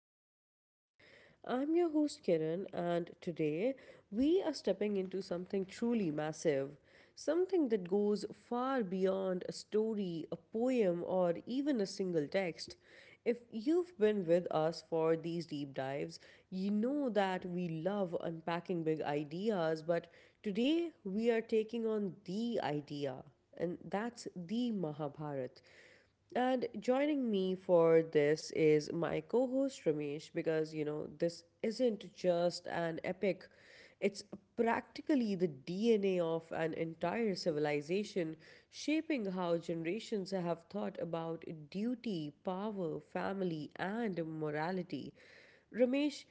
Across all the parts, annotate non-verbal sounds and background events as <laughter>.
Open Mind Pod. I'm your host Kiran, and today we are stepping into something truly massive. Something that goes far beyond a story, a poem, or even a single text. If you've been with us for these deep dives, you know that we love unpacking big ideas, but today we are taking on the idea, and that's the Mahabharata. And joining me for this is my co host Ramesh because you know, this isn't just an epic, it's practically the DNA of an entire civilization, shaping how generations have thought about duty, power, family, and morality. Ramesh,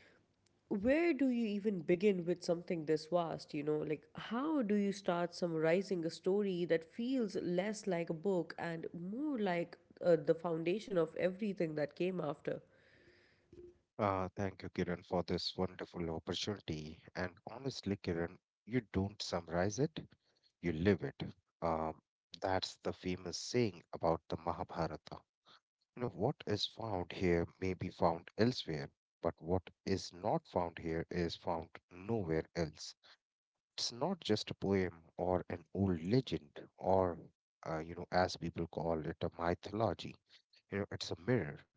where do you even begin with something this vast? You know, like how do you start summarizing a story that feels less like a book and more like the foundation of everything that came after? Thank you, Kiran, for this wonderful opportunity. And honestly, Kiran, you don't summarize it, you live it. Um, that's the famous saying about the Mahabharata. You know, what is found here may be found elsewhere, but what is not found here is found nowhere else. It's not just a poem or an old legend or as people call it, a mythology. You know, it's a mirror.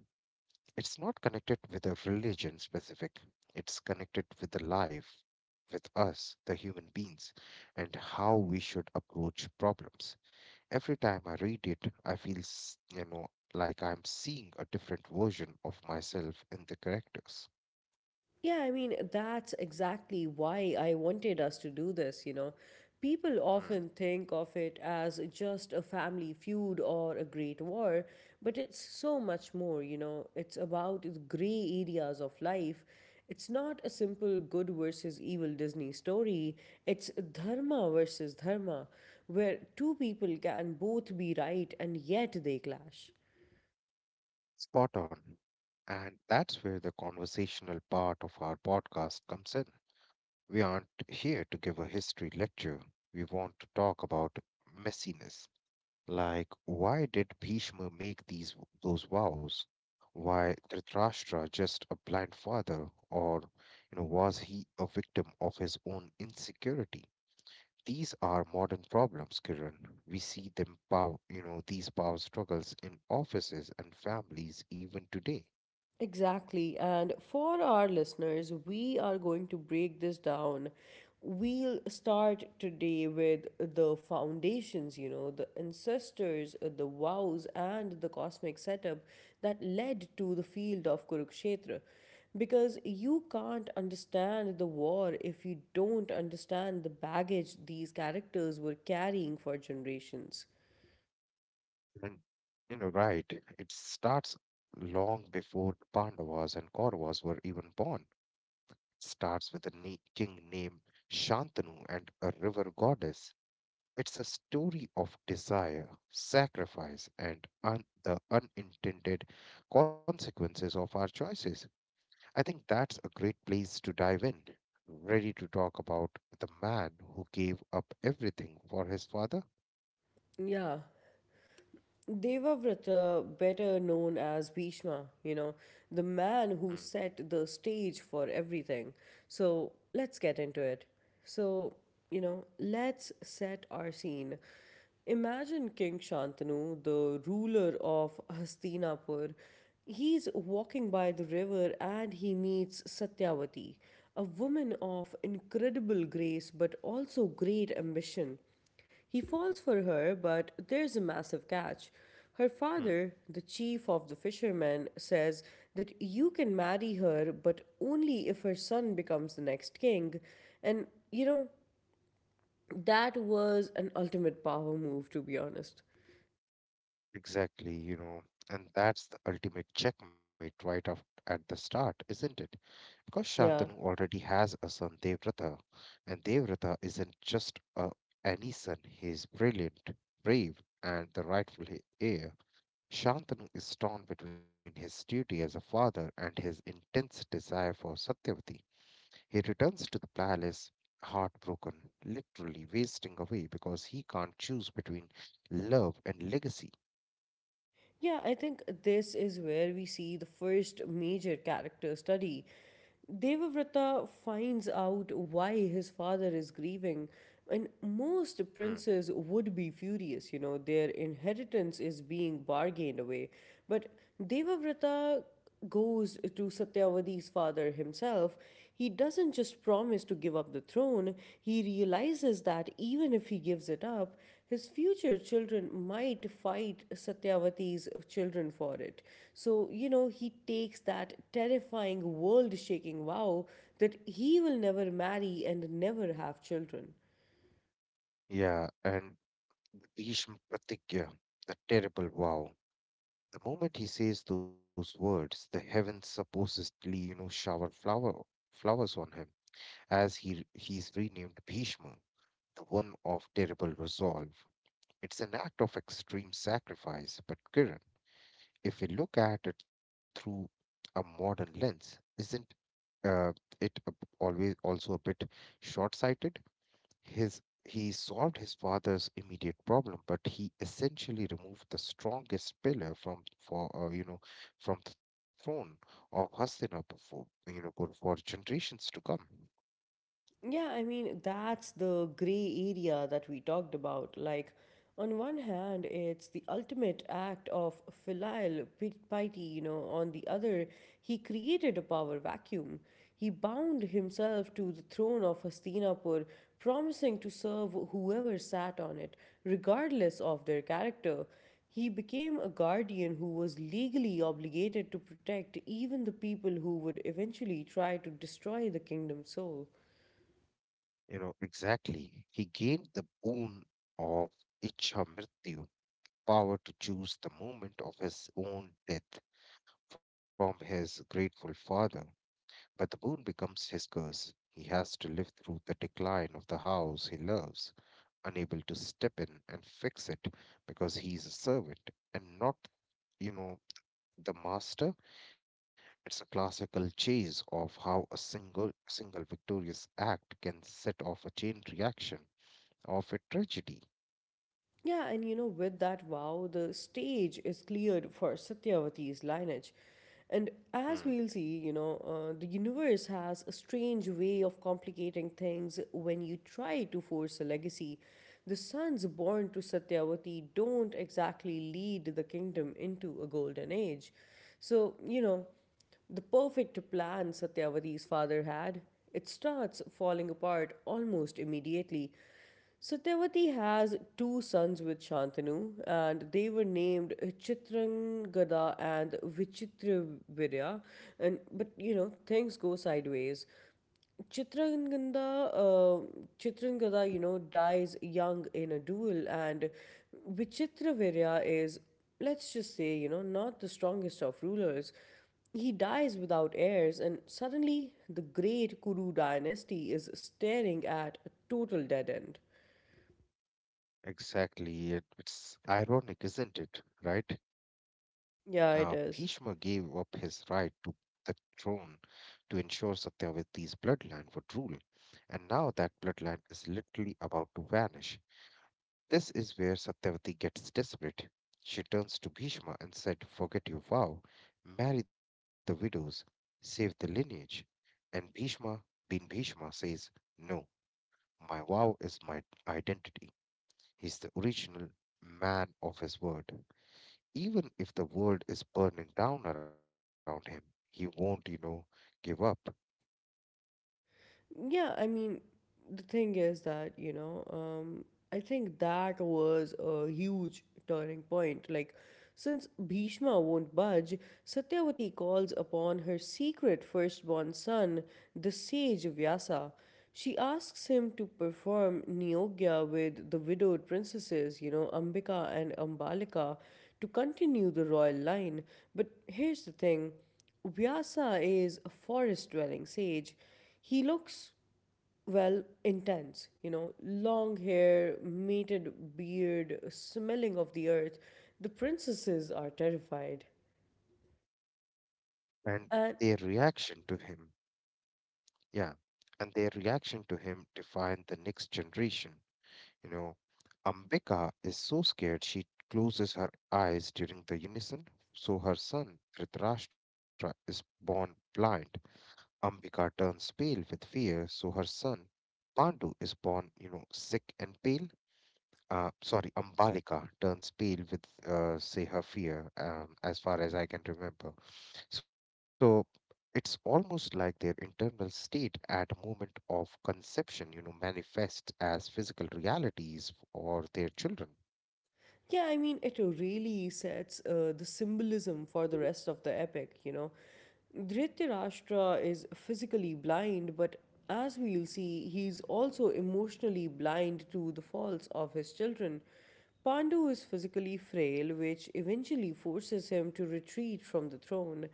It's not connected with a religion specific, it's connected with the life, with us, the human beings, and how we should approach problems. Every time I read it, I feel, like I'm seeing a different version of myself in the characters. Yeah, I mean, that's exactly why I wanted us to do this, you know. People Hmm. often think of it as just a family feud or a great war, but it's so much more, you know. It's about the gray areas of life. It's not a simple good versus evil Disney story, it's dharma versus dharma, where two people can both be right and yet they clash. Spot on. And that's where the conversational part of our podcast comes in. We aren't here to give a history lecture. We want to talk about messiness. Like, why did Bhishma make these those vows? Why Dhritarashtra just a blind father, or you know, was he a victim of his own insecurity? These are modern problems, Kiran. We see them power, you know, these power struggles in offices and families even today. Exactly. And for our listeners, we are going to break this down. We'll start today with the foundations, you know, the ancestors, the vows, and the cosmic setup that led to the field of Kurukshetra. Because you can't understand the war if you don't understand the baggage these characters were carrying for generations. And you know, right, it starts long before the Pandavas and Kauravas were even born. It starts with a king named Shantanu and a river goddess. It's a story of desire, sacrifice, and the unintended consequences of our choices. I think that's a great place to dive in. Ready to talk about the man who gave up everything for his father? Yeah. Devavrata, better known as Bhishma, you know, the man Hmm. who set the stage for everything. So let's get into it. So, you know, let's set our scene. Imagine King Shantanu, the ruler of Hastinapur. He's walking by the river and he meets Satyavati, a woman of incredible grace but also great ambition. He falls for her, but there's a massive catch. Her Hmm. father, the chief of the fishermen, says that you can marry her, but only if her son becomes the next king. And, you know, that was an ultimate power move, to be honest. Exactly, you know, and that's the ultimate checkmate right off at the start, isn't it? Because Shantanu Yeah. already has a son, Devratha, and Devratha isn't just a, any son. He is brilliant, brave, and the rightful heir. Shantanu is torn between his duty as a father and his intense desire for Satyavati. He returns to the palace heartbroken, literally wasting away because he can't choose between love and legacy. Yeah, I think this is where we see the first major character study. Devavrata finds out why his father is grieving, and most Hmm. princes would be furious, you know, their inheritance is being bargained away. But Devavrata goes to Satyavati's father himself, he doesn't just promise to give up the throne, he realizes that even if he gives it up, his future children might fight Satyavati's children for it. So, you know, he takes that terrifying world shaking vow that he will never marry and never have children. Yeah, and Bhishma Pratigya, the terrible vow. The moment he says those words, the heavens supposedly, you know, shower flowers on him, as he is renamed Bhishma, the one of terrible resolve. It's an act of extreme sacrifice, but Kiran, if we look at it through a modern lens, isn't uh, it always also a bit short-sighted? His He solved his father's immediate problem, but he essentially removed the strongest pillar from for from the throne of Hastinapur for you know for generations to come. Yeah, I mean, that's the gray area that we talked about. Like, on one hand, it's the ultimate act of filial piety, you know, on the other, he created a power vacuum. He bound himself to the throne of Hastinapur, promising to serve whoever sat on it, regardless of their character. He became a guardian who was legally obligated to protect even the people who would eventually try to destroy the kingdom's soul. You know exactly. He gained the boon of Ichha Mrityu, power to choose the moment of his own death from his grateful father. But the boon becomes his curse. He has to live through the decline of the house he loves, unable to step in and fix it because he's a servant and not, you know, the master. It's a classical chase of how a single victorious act can set off a chain reaction of a tragedy. Yeah, and you know, with that vow, the stage is cleared for Satyavati's lineage. And Hmm. as we'll see, you know, the universe has a strange way of complicating things when you try to force a legacy. The sons born to Satyavati don't exactly lead the kingdom into a golden age. So, you know, the perfect plan Satyavati's father had. It starts falling apart almost immediately. Satyavati has two sons with Shantanu, and they were named Chitrangada and Vichitravirya. And but you know things go sideways. Chitrangada, uh, Chitrangada, you know, dies young in a duel, and Vichitravirya is, let's just say, you know, not the strongest of rulers. He dies without heirs, and suddenly the great Kuru dynasty is staring at a total dead end. Exactly. It's ironic, isn't it? Right? Bhishma Yeah, it gave up is. his right to the throne to ensure Satyavati's bloodline would rule, and now that bloodline is literally about to vanish. This is where Satyavati gets desperate. She turns to Bhishma and said, "Forget your vow, marry the widows, save the lineage." And Bhishma, being Bhishma, says, "No, my vow is my identity." He's the original man of his word. Even if the world is burning down around him, he won't, you know, give up. Yeah, I mean, the thing is that, you know, I think that was a huge turning point. Like, since Bhishma won't budge, Satyavati calls upon her secret firstborn son, the sage Vyasa. She asks him to perform Niyogya with the widowed princesses, you know, Ambika and Ambalika, to continue the royal line. But here's the thing Vyasa is a forest dwelling sage. He looks, well, intense, you know, long hair, matted beard, smelling of the earth. The princesses are terrified. And And their reaction to him, yeah, and their reaction to him defined the next generation. You know, Ambika is so scared she closes her eyes during the unison, so her son Dhritarashtra is born blind. Ambika turns pale with fear, so her son Pandu is born, you know, sick and pale. Sorry, Ambalika turns pale with, say, her fear, as far as I can remember. So it's almost like their internal state at a moment of conception, you know, manifests as physical realities for their children. Yeah, I mean, it really sets the symbolism for the rest of the epic, you know. Dhritarashtra is physically blind, but as we'll see, he's also emotionally blind to the faults of his children. Pandu is physically frail, which eventually forces him to retreat from the throne.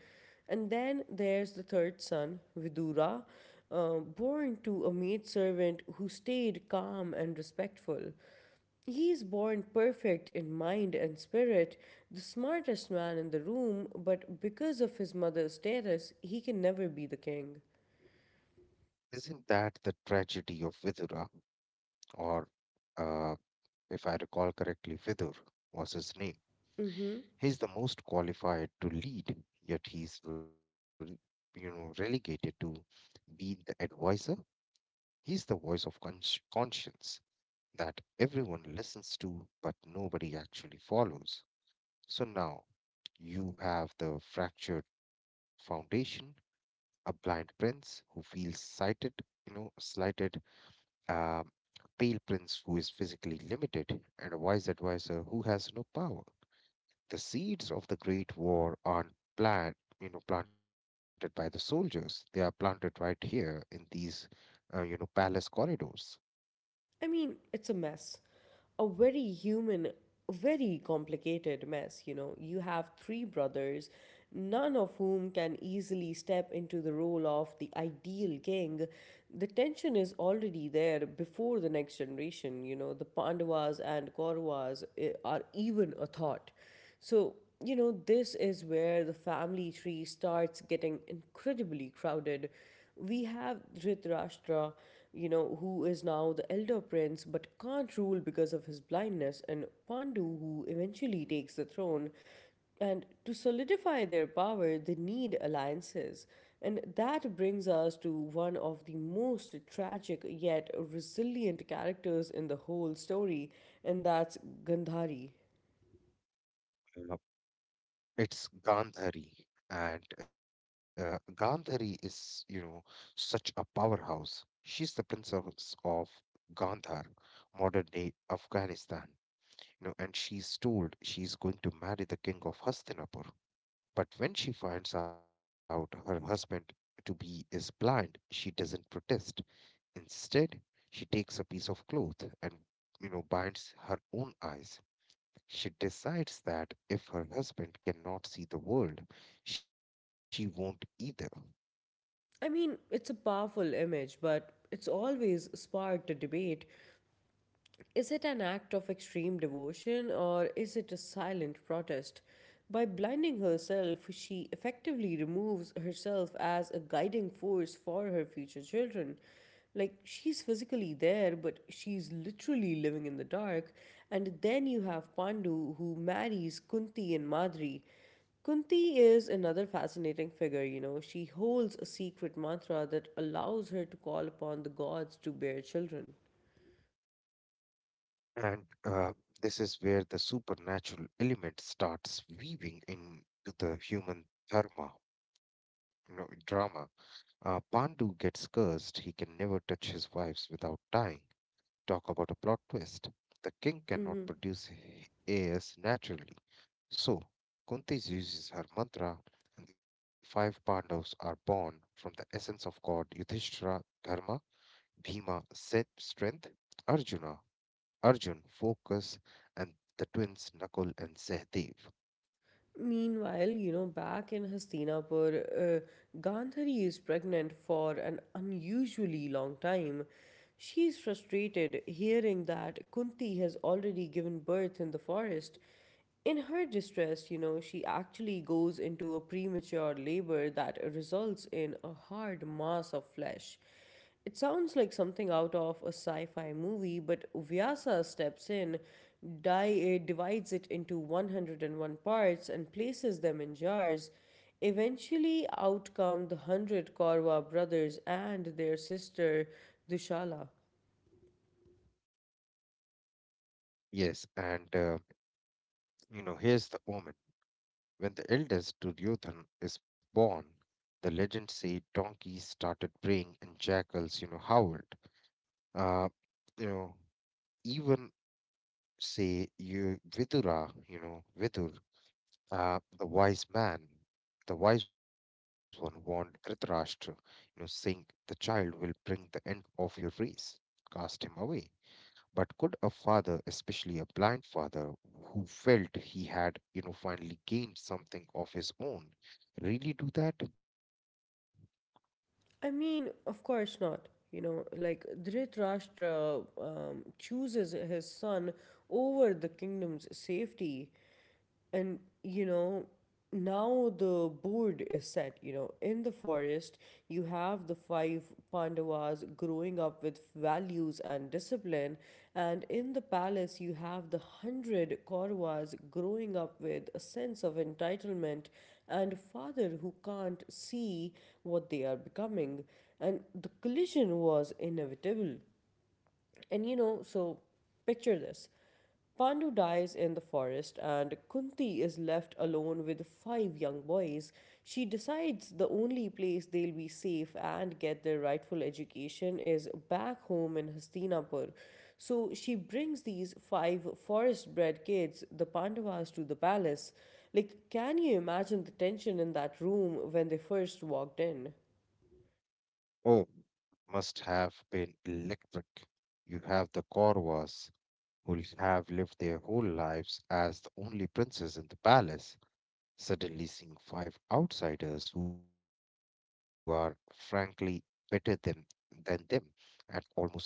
And then there's the third son, Vidura, born to a maidservant who stayed calm and respectful. He is born perfect in mind and spirit, the smartest man in the room, but because of his mother's status, he can never be the king. Isn't that the tragedy of Vidura? Or, uh, if I recall correctly, Vidur was his name. Mm-hmm. He's the most qualified to lead, yet he's relegated to be the advisor. He's the voice of conscience that everyone listens to, but nobody actually follows. So now you have the fractured foundation, a blind prince who feels slighted, um, pale prince who is physically limited, and a wise advisor who has no power. The seeds of the Great War aren't plant, planted by the soldiers. They are planted right here in these, you know, palace corridors. I mean, it's a mess. A very human, very complicated mess, you know. You have three brothers, none of whom can easily step into the role of the ideal king. The tension is already there before the next generation, you know. The Pandavas and Kauravas are even a thought. So, you know, this is where the family tree starts getting incredibly crowded. We have Dhritarashtra, you know, who is now the elder prince but can't rule because of his blindness, and Pandu, who eventually takes the throne. And to solidify their power, they need alliances. And that brings us to one of the most tragic yet resilient characters in the whole story, and that's Gandhari. Uh, It's Gandhari, and Gandhari is, you know, such a powerhouse. She's the princess of Gandhar, modern day Afghanistan, you know, and she's told she's going to marry the king of Hastinapur. But when she finds out her husband to be is blind, she doesn't protest. Instead, she takes a piece of cloth and, you know, binds her own eyes. She decides that if her husband cannot see the world, she won't either. I mean, it's a powerful image, but it's always sparked a debate. Is it an act of extreme devotion or is it a silent protest? By blinding herself, she effectively removes herself as a guiding force for her future children. Like, she's physically there, but she's literally living in the dark. And then you have Pandu, who marries Kunti and Madri. Kunti is another fascinating figure, you know. She holds a secret mantra that allows her to call upon the gods to bear children. And this is where the supernatural element starts weaving into the human dharma, you know, drama. Pandu gets cursed. He can never touch his wives without dying. Talk about a plot twist. The king Hmm. cannot produce heirs naturally. So, Kunti uses her mantra, and the five Pandavas are born from the essence of God: Yudhishthira, Dharma, Bhima, Seth, Strength, Arjuna, Arjun, Focus, and the twins Nakul and Sehdev. Meanwhile, you know, back in Hastinapur, Gandhari is pregnant for an unusually long time. She is frustrated hearing that Kunti has already given birth in the forest. In her distress, you know, she actually goes into a premature labor that results in a hard mass of flesh. It sounds like something out of a sci fi movie, but Vyasa steps in, divides it into 101 parts, and places them in jars. Eventually, out come the hundred Korwa brothers and their sister Dushala. Yes, and you know, here's the omen. When the eldest Duryodhan is born, the legend said donkeys started braying and jackals, you know, howled. Uh, you know, even say you Vidura, you know, Vidur, uh, the wise man, the wise one, warned Dhritarashtra, you know, saying, "The child will bring the end of your race. Cast him away." But could a father, especially a blind father, who felt he had, you know, finally gained something of his own, really do that? I mean, of course not. You know, like Dhritarashtra chooses his son over the kingdom's safety. And you know, now the board is set, you know, in the forest you have the five Pandavas growing up with values and discipline, and in the palace you have the hundred Kauravas growing up with a sense of entitlement and a father who can't see what they are becoming. And the collision was inevitable. And you know, so picture this. Pandu dies in the forest, and Kunti is left alone with five young boys. She decides the only place they'll be safe and get their rightful education is back home in Hastinapur. So she brings these five forest bred kids, the Pandavas, to the palace. Like, can you imagine the tension in that room when they first walked in? Oh, must have been electric. You have the Kauravas, who have lived their whole lives as the only princes in the palace suddenly seeing five outsiders who are frankly better than them at almost everything.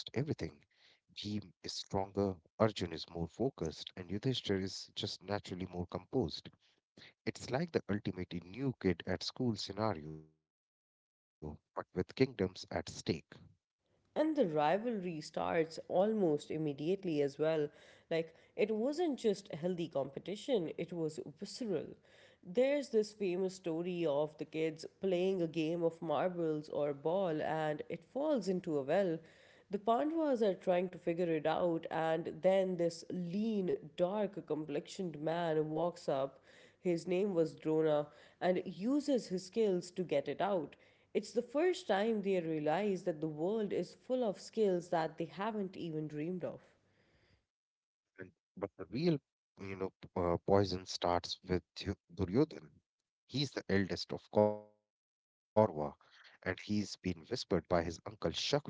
Bhim is stronger, Arjun is more focused, and Yudhishthir is just naturally more composed. It's like the ultimate new kid at school scenario, but with kingdoms at stake. And the rivalry starts almost immediately as well. Like, it wasn't just a healthy competition, it was visceral. There's this famous story of the kids playing a game of marbles or ball and it falls into a well. The Pandavas are trying to figure it out, and then this lean, dark complexioned man walks up, his name was Drona, and uses his skills to get it out. It's the first time they realize that the world is full of skills that they haven't even dreamed of. And, but the real, you know, poison starts with Duryodhan. He's the eldest of Korva, and he's been whispered by his uncle Shakuni.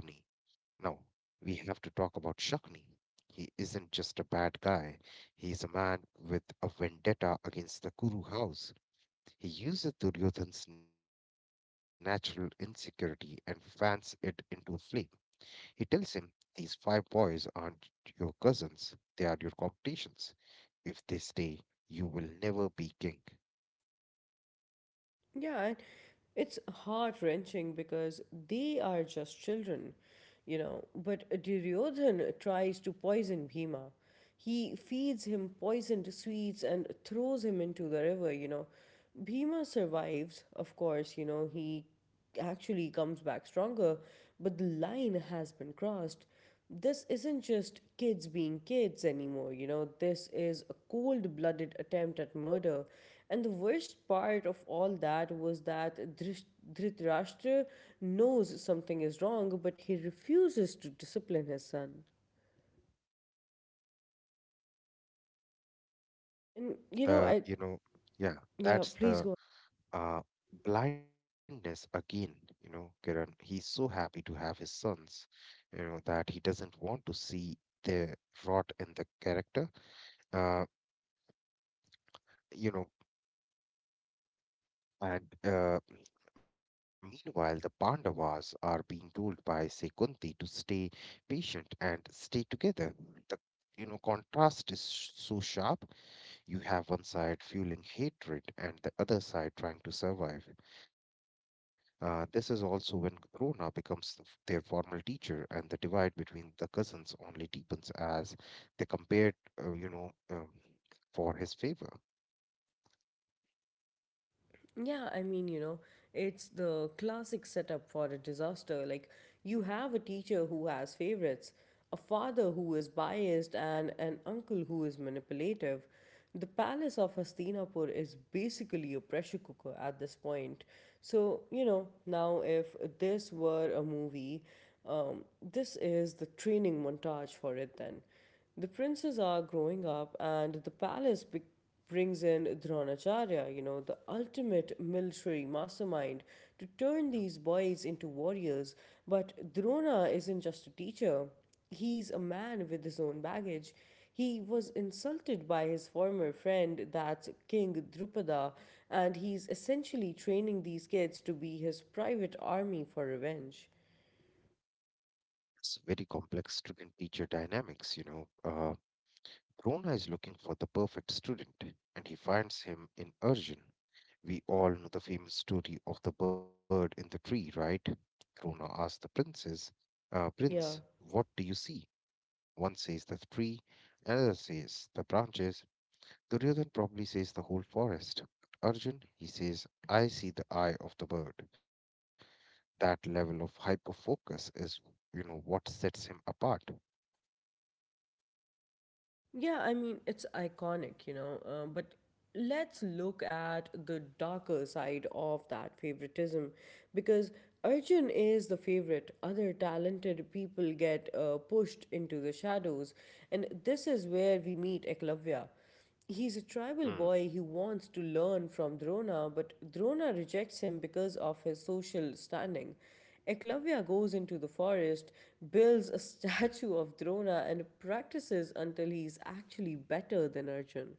Now, we have to talk about Shakni. He isn't just a bad guy. He's a man with a vendetta against the Kuru house. He uses Duryodhan's natural insecurity and fans it into a flame. He tells him, "These five boys aren't your cousins, they are your competitions. If they stay, you will never be king." Yeah, and it's heart wrenching because they are just children, you know. But Duryodhan tries to poison Bhima. He feeds him poisoned sweets and throws him into the river, you know. Bhima survives, of course, you know, he actually comes back stronger, but the line has been crossed. This isn't just kids being kids anymore, you know, this is a cold blooded attempt at murder. And the worst part of all that was that Dhritarashtra knows something is wrong, but he refuses to discipline his son. And, That's you know, the, I, you know, yeah, yeah, that's please the go. uh, blindness again. You know, Kiran, he's so happy to have his sons, you know, that he doesn't want to see the rot in the character, uh, you know, and meanwhile, the Pandavas are being told by, say, Kunti to stay patient and stay together. The you know, contrast is so sharp. You have one side fueling hatred and the other side trying to survive. This is also when Drona becomes their formal teacher, and the divide between the cousins only deepens as they compare, you know, for his favor. Yeah, I mean, you know, it's the classic setup for a disaster. Like, you have a teacher who has favorites, a father who is biased, and an uncle who is manipulative. The palace of Hastinapur is basically a pressure cooker at this point. So, you know, now if this were a movie, this is the training montage for it then. The princes are growing up, and the palace brings in Dronacharya, you know, the ultimate military mastermind, to turn Mhm. these boys into warriors. But Drona isn't just a teacher, he's a man with his own baggage. He was insulted by his former friend, that's King Drupada, and he's essentially training these kids to be his private army for revenge. It's very complex student-teacher dynamics, you know. Drona is looking for the perfect student, and he finds him in Arjun. We all know the famous story of the bird in the tree, right? Drona asks the princess, "Prince, Yeah, what do you see?" One says the tree, another says the branches. Duryodhan probably says the whole forest. Arjun, he says, "I see the eye of the bird." That level of hyperfocus is, you know, what sets him apart. yeah, I mean, it's iconic, you know, but let's look at the darker side of that favoritism because Arjun is the favorite. Other talented people get pushed into the shadows, and this is where we meet Eklavya. He's a tribal Mm. boy who wants to learn from Drona, but Drona rejects him because of his social standing. Eklavya goes into the forest, builds a <laughs> statue of Drona, and practices until he's actually better than Arjun.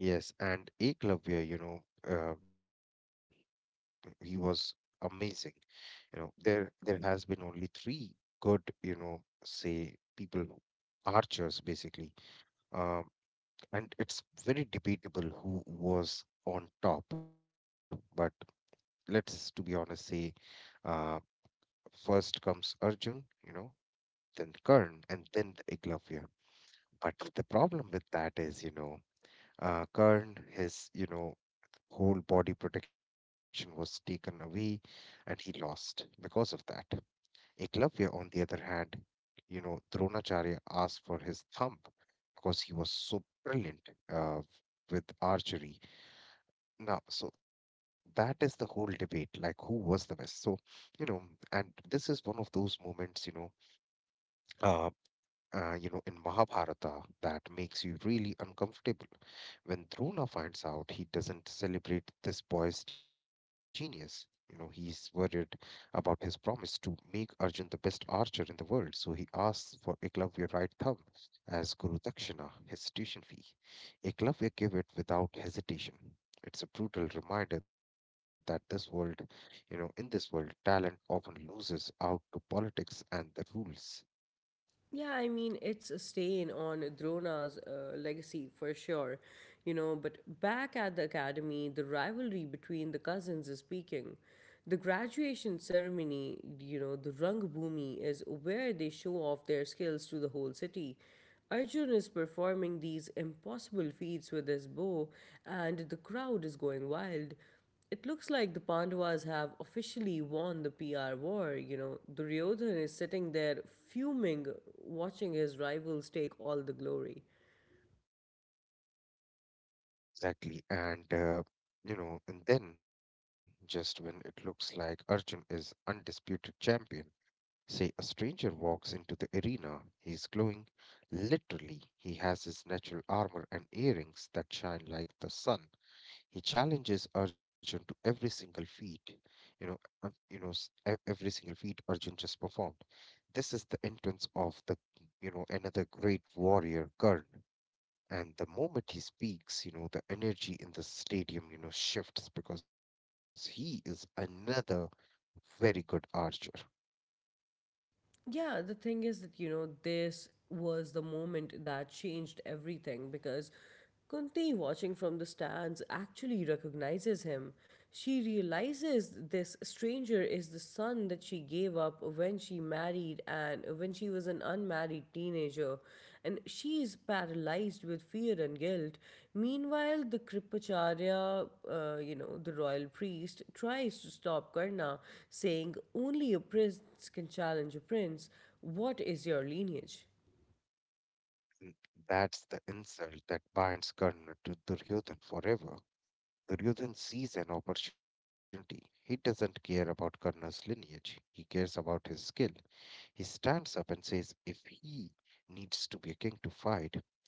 Yes, and Eklavya, you know, uh, he was amazing. You know, there has been only three good, you know, say people, archers basically, um, and it's very debatable who was on top. But let's to be honest say uh, first comes Arjun, you know, then Karn, and then the Iglavya. But the problem with that is, you know, Karn, his, you know, whole body protection was taken away and he lost because of that. Iglavya, on the other hand, you know, Dronacharya asked for his thumb because he was so brilliant uh, with archery. Now, so that is the whole debate, like who was the best. So, you know, and this is one of those moments, you know, uh, uh, you know, in Mahabharata that makes you really uncomfortable. When Drona finds out, he doesn't celebrate this boy's genius. You know, he's worried about his promise to make Arjun the best archer in the world, so he asks for Eklavya right thumb as Guru Dakshina, his tuition fee. Eklavya give it without hesitation. It's a brutal reminder that this world, in this world, talent often loses out to politics and the rules. Yeah, I mean, it's a stain on Drona's legacy for sure, you know. But back at the academy, the rivalry between the cousins is peaking. The graduation ceremony, you know, the Rangbhumi is where they show off their skills to the whole city. Arjun is performing these impossible feats with his bow, and the crowd is going wild. It looks like the Pandavas have officially won the PR war. You know, Duryodhan is sitting there fuming, watching his rivals take all the glory. Exactly. And then just when it looks like Arjun is undisputed champion, say a stranger walks into the arena. He's glowing. Literally, he has his natural armor and earrings that shine like the sun. He challenges Arjun to every single feat. Every single feat Arjun just performed. This is the entrance of another great warrior, Karna. And the moment he speaks, the energy in the stadium, shifts because he is another very good archer. Yeah, the thing is that, you know, this was the moment that changed everything because Kunti, watching from the stands, actually recognizes him. She realizes this stranger is the son that she gave up when she married and when she was an unmarried teenager, and she is paralyzed with fear and guilt. Meanwhile, the Kripacharya, you know, the royal priest, tries to stop Karna, saying, only a prince can challenge a prince. What is your lineage? And that's the insult that binds Karna to Duryodhan forever. Duryodhan sees an opportunity. He doesn't care about Karna's lineage. He cares about his skill. He stands up and says, if he needs to be a king to fight,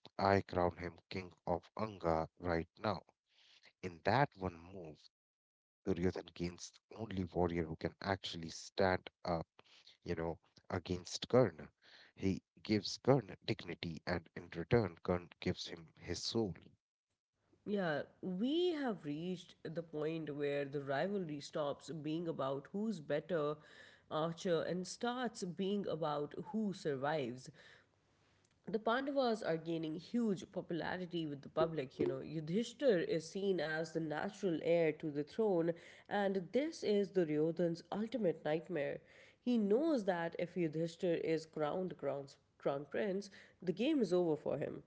I crown him king of Anga right now. In that one move, Duryodhan gains the only warrior who can actually stand up, you know, against Karna. He gives Karna dignity, and in return, Karna gives him his soul. Yeah, we have reached the point where the rivalry stops being about who's better archer and starts being about who survives. The Pandavas are gaining huge popularity with the public. You know, Yudhishthir is seen as the natural heir to the throne, and this is Duryodhan's ultimate nightmare. He knows that if Yudhishthir is crowned crown, crown prince, the game is over for him.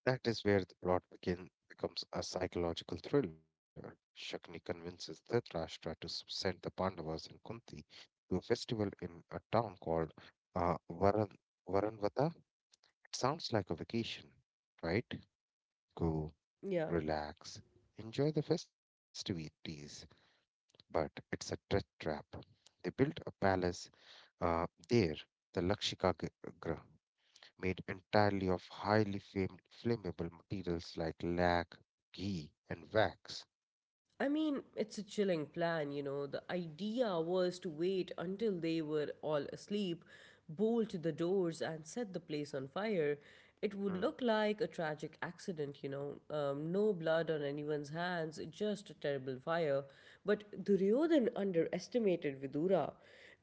That is where the becomes a psychological thriller. Shakni convinces Dhritarashtra to send the Pandavas and Kunti to a festival in a town called uh, Varan Varanvata. It sounds like a vacation, right? Go Yeah. relax, enjoy the festivities. But it's a death trap. They built a palace uh, there, the Lakshika, made entirely of highly flammable materials like lac, ghee, and wax. I mean, it's a chilling plan, you know. The idea was to wait until they were all asleep, bolt the doors, and set the place on fire. It would Mm, look like a tragic accident, you know. No blood on anyone's hands, just a terrible fire. But Duryodhan underestimated Vidura.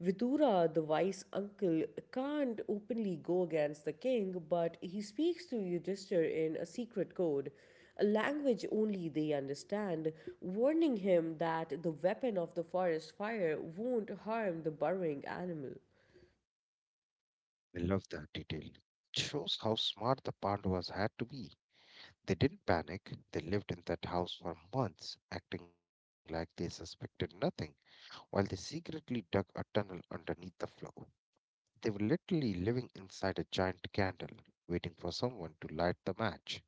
Vidura, the wise uncle, can't openly go against the king, but he speaks to Yudhishthir in a secret code, a language only they understand, warning him that the weapon of the forest fire won't harm the burrowing animal. I love that detail. It shows how smart the Pandavas had to be. They didn't panic. They lived in that house for months, acting like they suspected nothing, while they secretly dug a tunnel underneath the floor. They were literally living inside a giant candle, waiting for someone to light the match.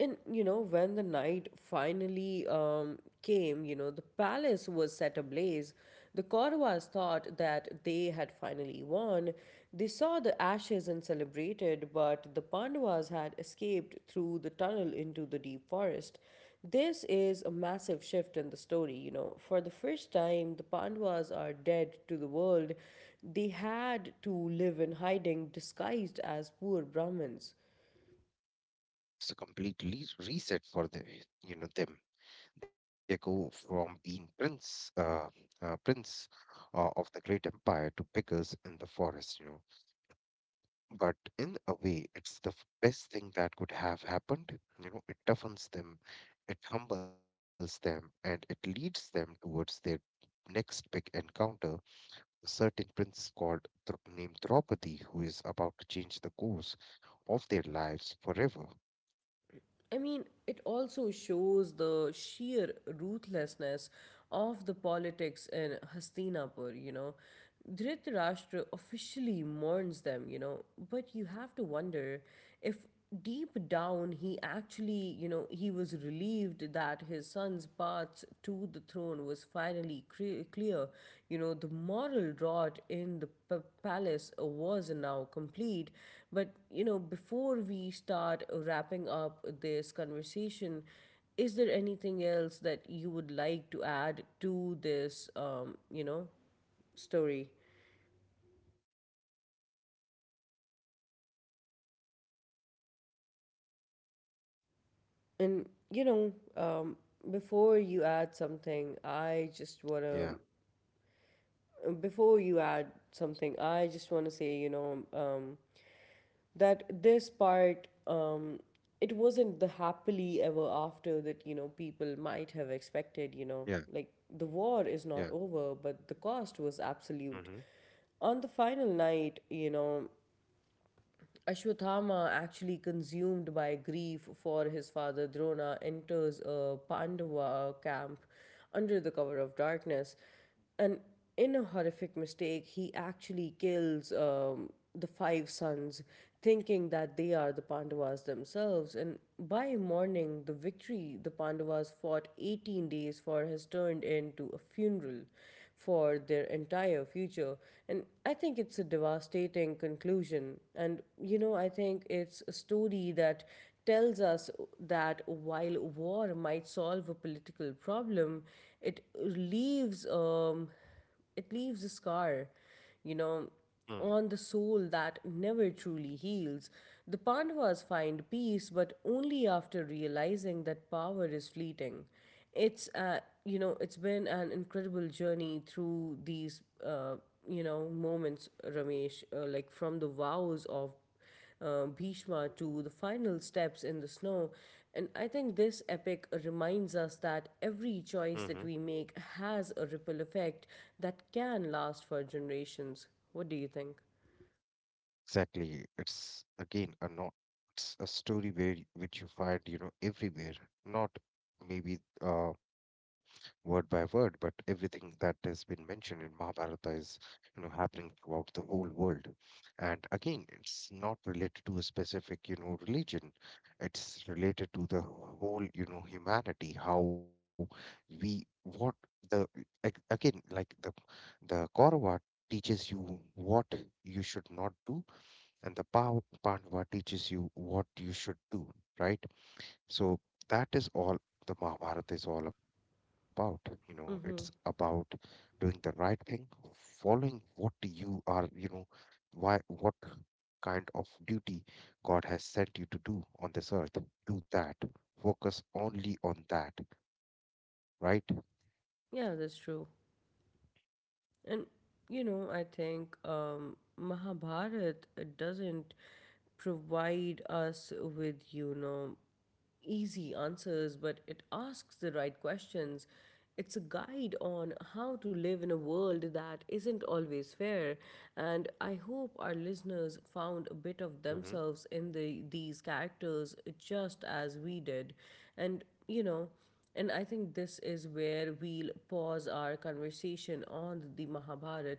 And you know, when the night finally came, you know, the palace was set ablaze. The Kauravas thought that they had finally won. They saw the ashes and celebrated, but the Pandavas had escaped through the tunnel into the deep forest. This is a massive shift in the story, you know. For the first time, the Pandavas are dead to the world. They had to live in hiding, disguised as poor Brahmins. It's a complete reset for them. They go from being prince of the great empire to beggars in the forest, you know. But in a way, it's the best thing that could have happened. You know, it toughens them, it humbles them, and it leads them towards their next big encounter. A certain prince called named Draupadi, who is about to change the course of their lives forever. I mean, it also shows the sheer ruthlessness of the politics in Hastinapur, you know. Dhritarashtra officially mourns them, you know, but you have to wonder if deep down he actually, you know, he was relieved that his son's path to the throne was finally clear. You know, the moral rot in the palace was now complete, but, you know, before we start wrapping up this conversation, is there anything else that you would like to add to this, you know, story? And, you know, before you add something, I just want to Yeah, before you add something, I just want to say, you know, that this part, it wasn't the happily ever after that, you know, people might have yeah, expected, you know, like yeah. the war is not over, but the cost was Mm-hmm. absolute. On the final night, you know, Ashwathama, actually consumed by grief for his father Drona, enters a Pandava camp under the cover of darkness. And in a horrific mistake, he actually kills the five sons, thinking that they are the Pandavas themselves. And by morning, the victory the Pandavas fought 18 days for has turned into a funeral for their entire future. And I think it's a devastating conclusion. And, you know, I think it's a story that tells us that while war might solve a political problem, it leaves. It leaves a scar, you know, on the soul that never truly heals. The Pandavas find peace, but only after realizing that power is fleeting. It's you know, it's been an incredible journey through these you know, moments, Ramesh, like from the vows of Bhishma to the final steps in the snow. And I think this epic reminds us that every Mm-hmm. choice that we make has a ripple effect that can last for generations. What do you think? Exactly. It's again a not it's a story where which you find, you know, everywhere. Not maybe word by word, but everything that has been mentioned in Mahabharata is, you know, happening throughout the whole world. And again, it's not related to a specific, you know, religion. It's related to the whole, you know, humanity. How we what the ag- Again, like the Kaurava teaches you what you should not do, and the Bhava Pandava teaches you what you should do, right? So that is all the Mahabharata is all about. You know, it's about Mm-hmm. doing the right thing, following what you are, you know, why what kind of duty God has sent you to do on this earth. Do that. Focus only on that, right? Yeah, that's true. And you know, I think Mahabharat doesn't provide us with, you know, easy answers, but it asks the right questions. It's a guide on how to live in a world that isn't always fair. And I hope our listeners found a bit of Mm-hmm. themselves in the, these characters just as we did. And, you know, and I think this is where we'll pause our conversation on the Mahabharata,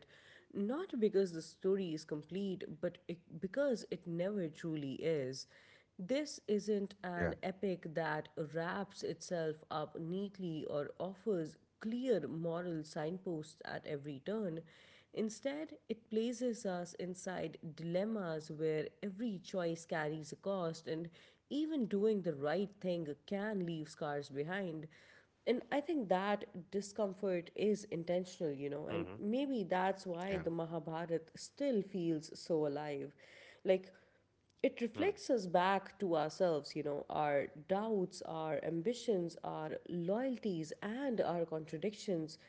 not because the story is complete, but it, because it never truly is. This Yeah. isn't an epic that wraps itself up neatly or offers clear moral signposts at every turn. Instead, it places us inside dilemmas where every choice carries a cost, and even doing the right thing can leave scars behind. And I think that discomfort is intentional, Mm-hmm. you know, and maybe Yeah. that's why the Mahabharata still feels so alive. Like, it Mm-hmm. reflects us back to ourselves, you know, our doubts, our ambitions, our loyalties, and our contradictions.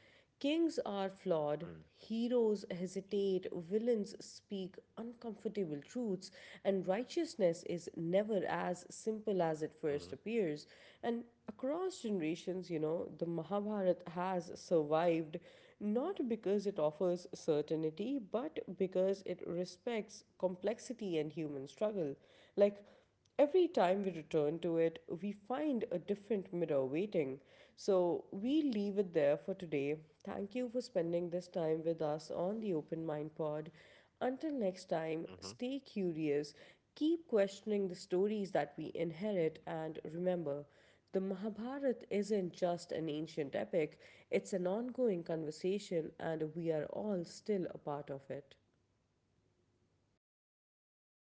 Kings are flawed, heroes hesitate, villains speak uncomfortable truths, and righteousness is never as simple as it Mm-hmm. first appears. And across generations, you know, the Mahabharata has survived not because it offers certainty, but because it respects complexity and human struggle. Like, every time we return to it, we find a different mirror waiting. So, we leave it there for today. Thank you for spending this time with us on the Open Mind Pod. Until next Mm-hmm. time, stay curious, keep questioning the stories that we inherit, and remember, the Mahabharata isn't just an ancient epic, it's an ongoing conversation, and we are all still a part of it. Thank you.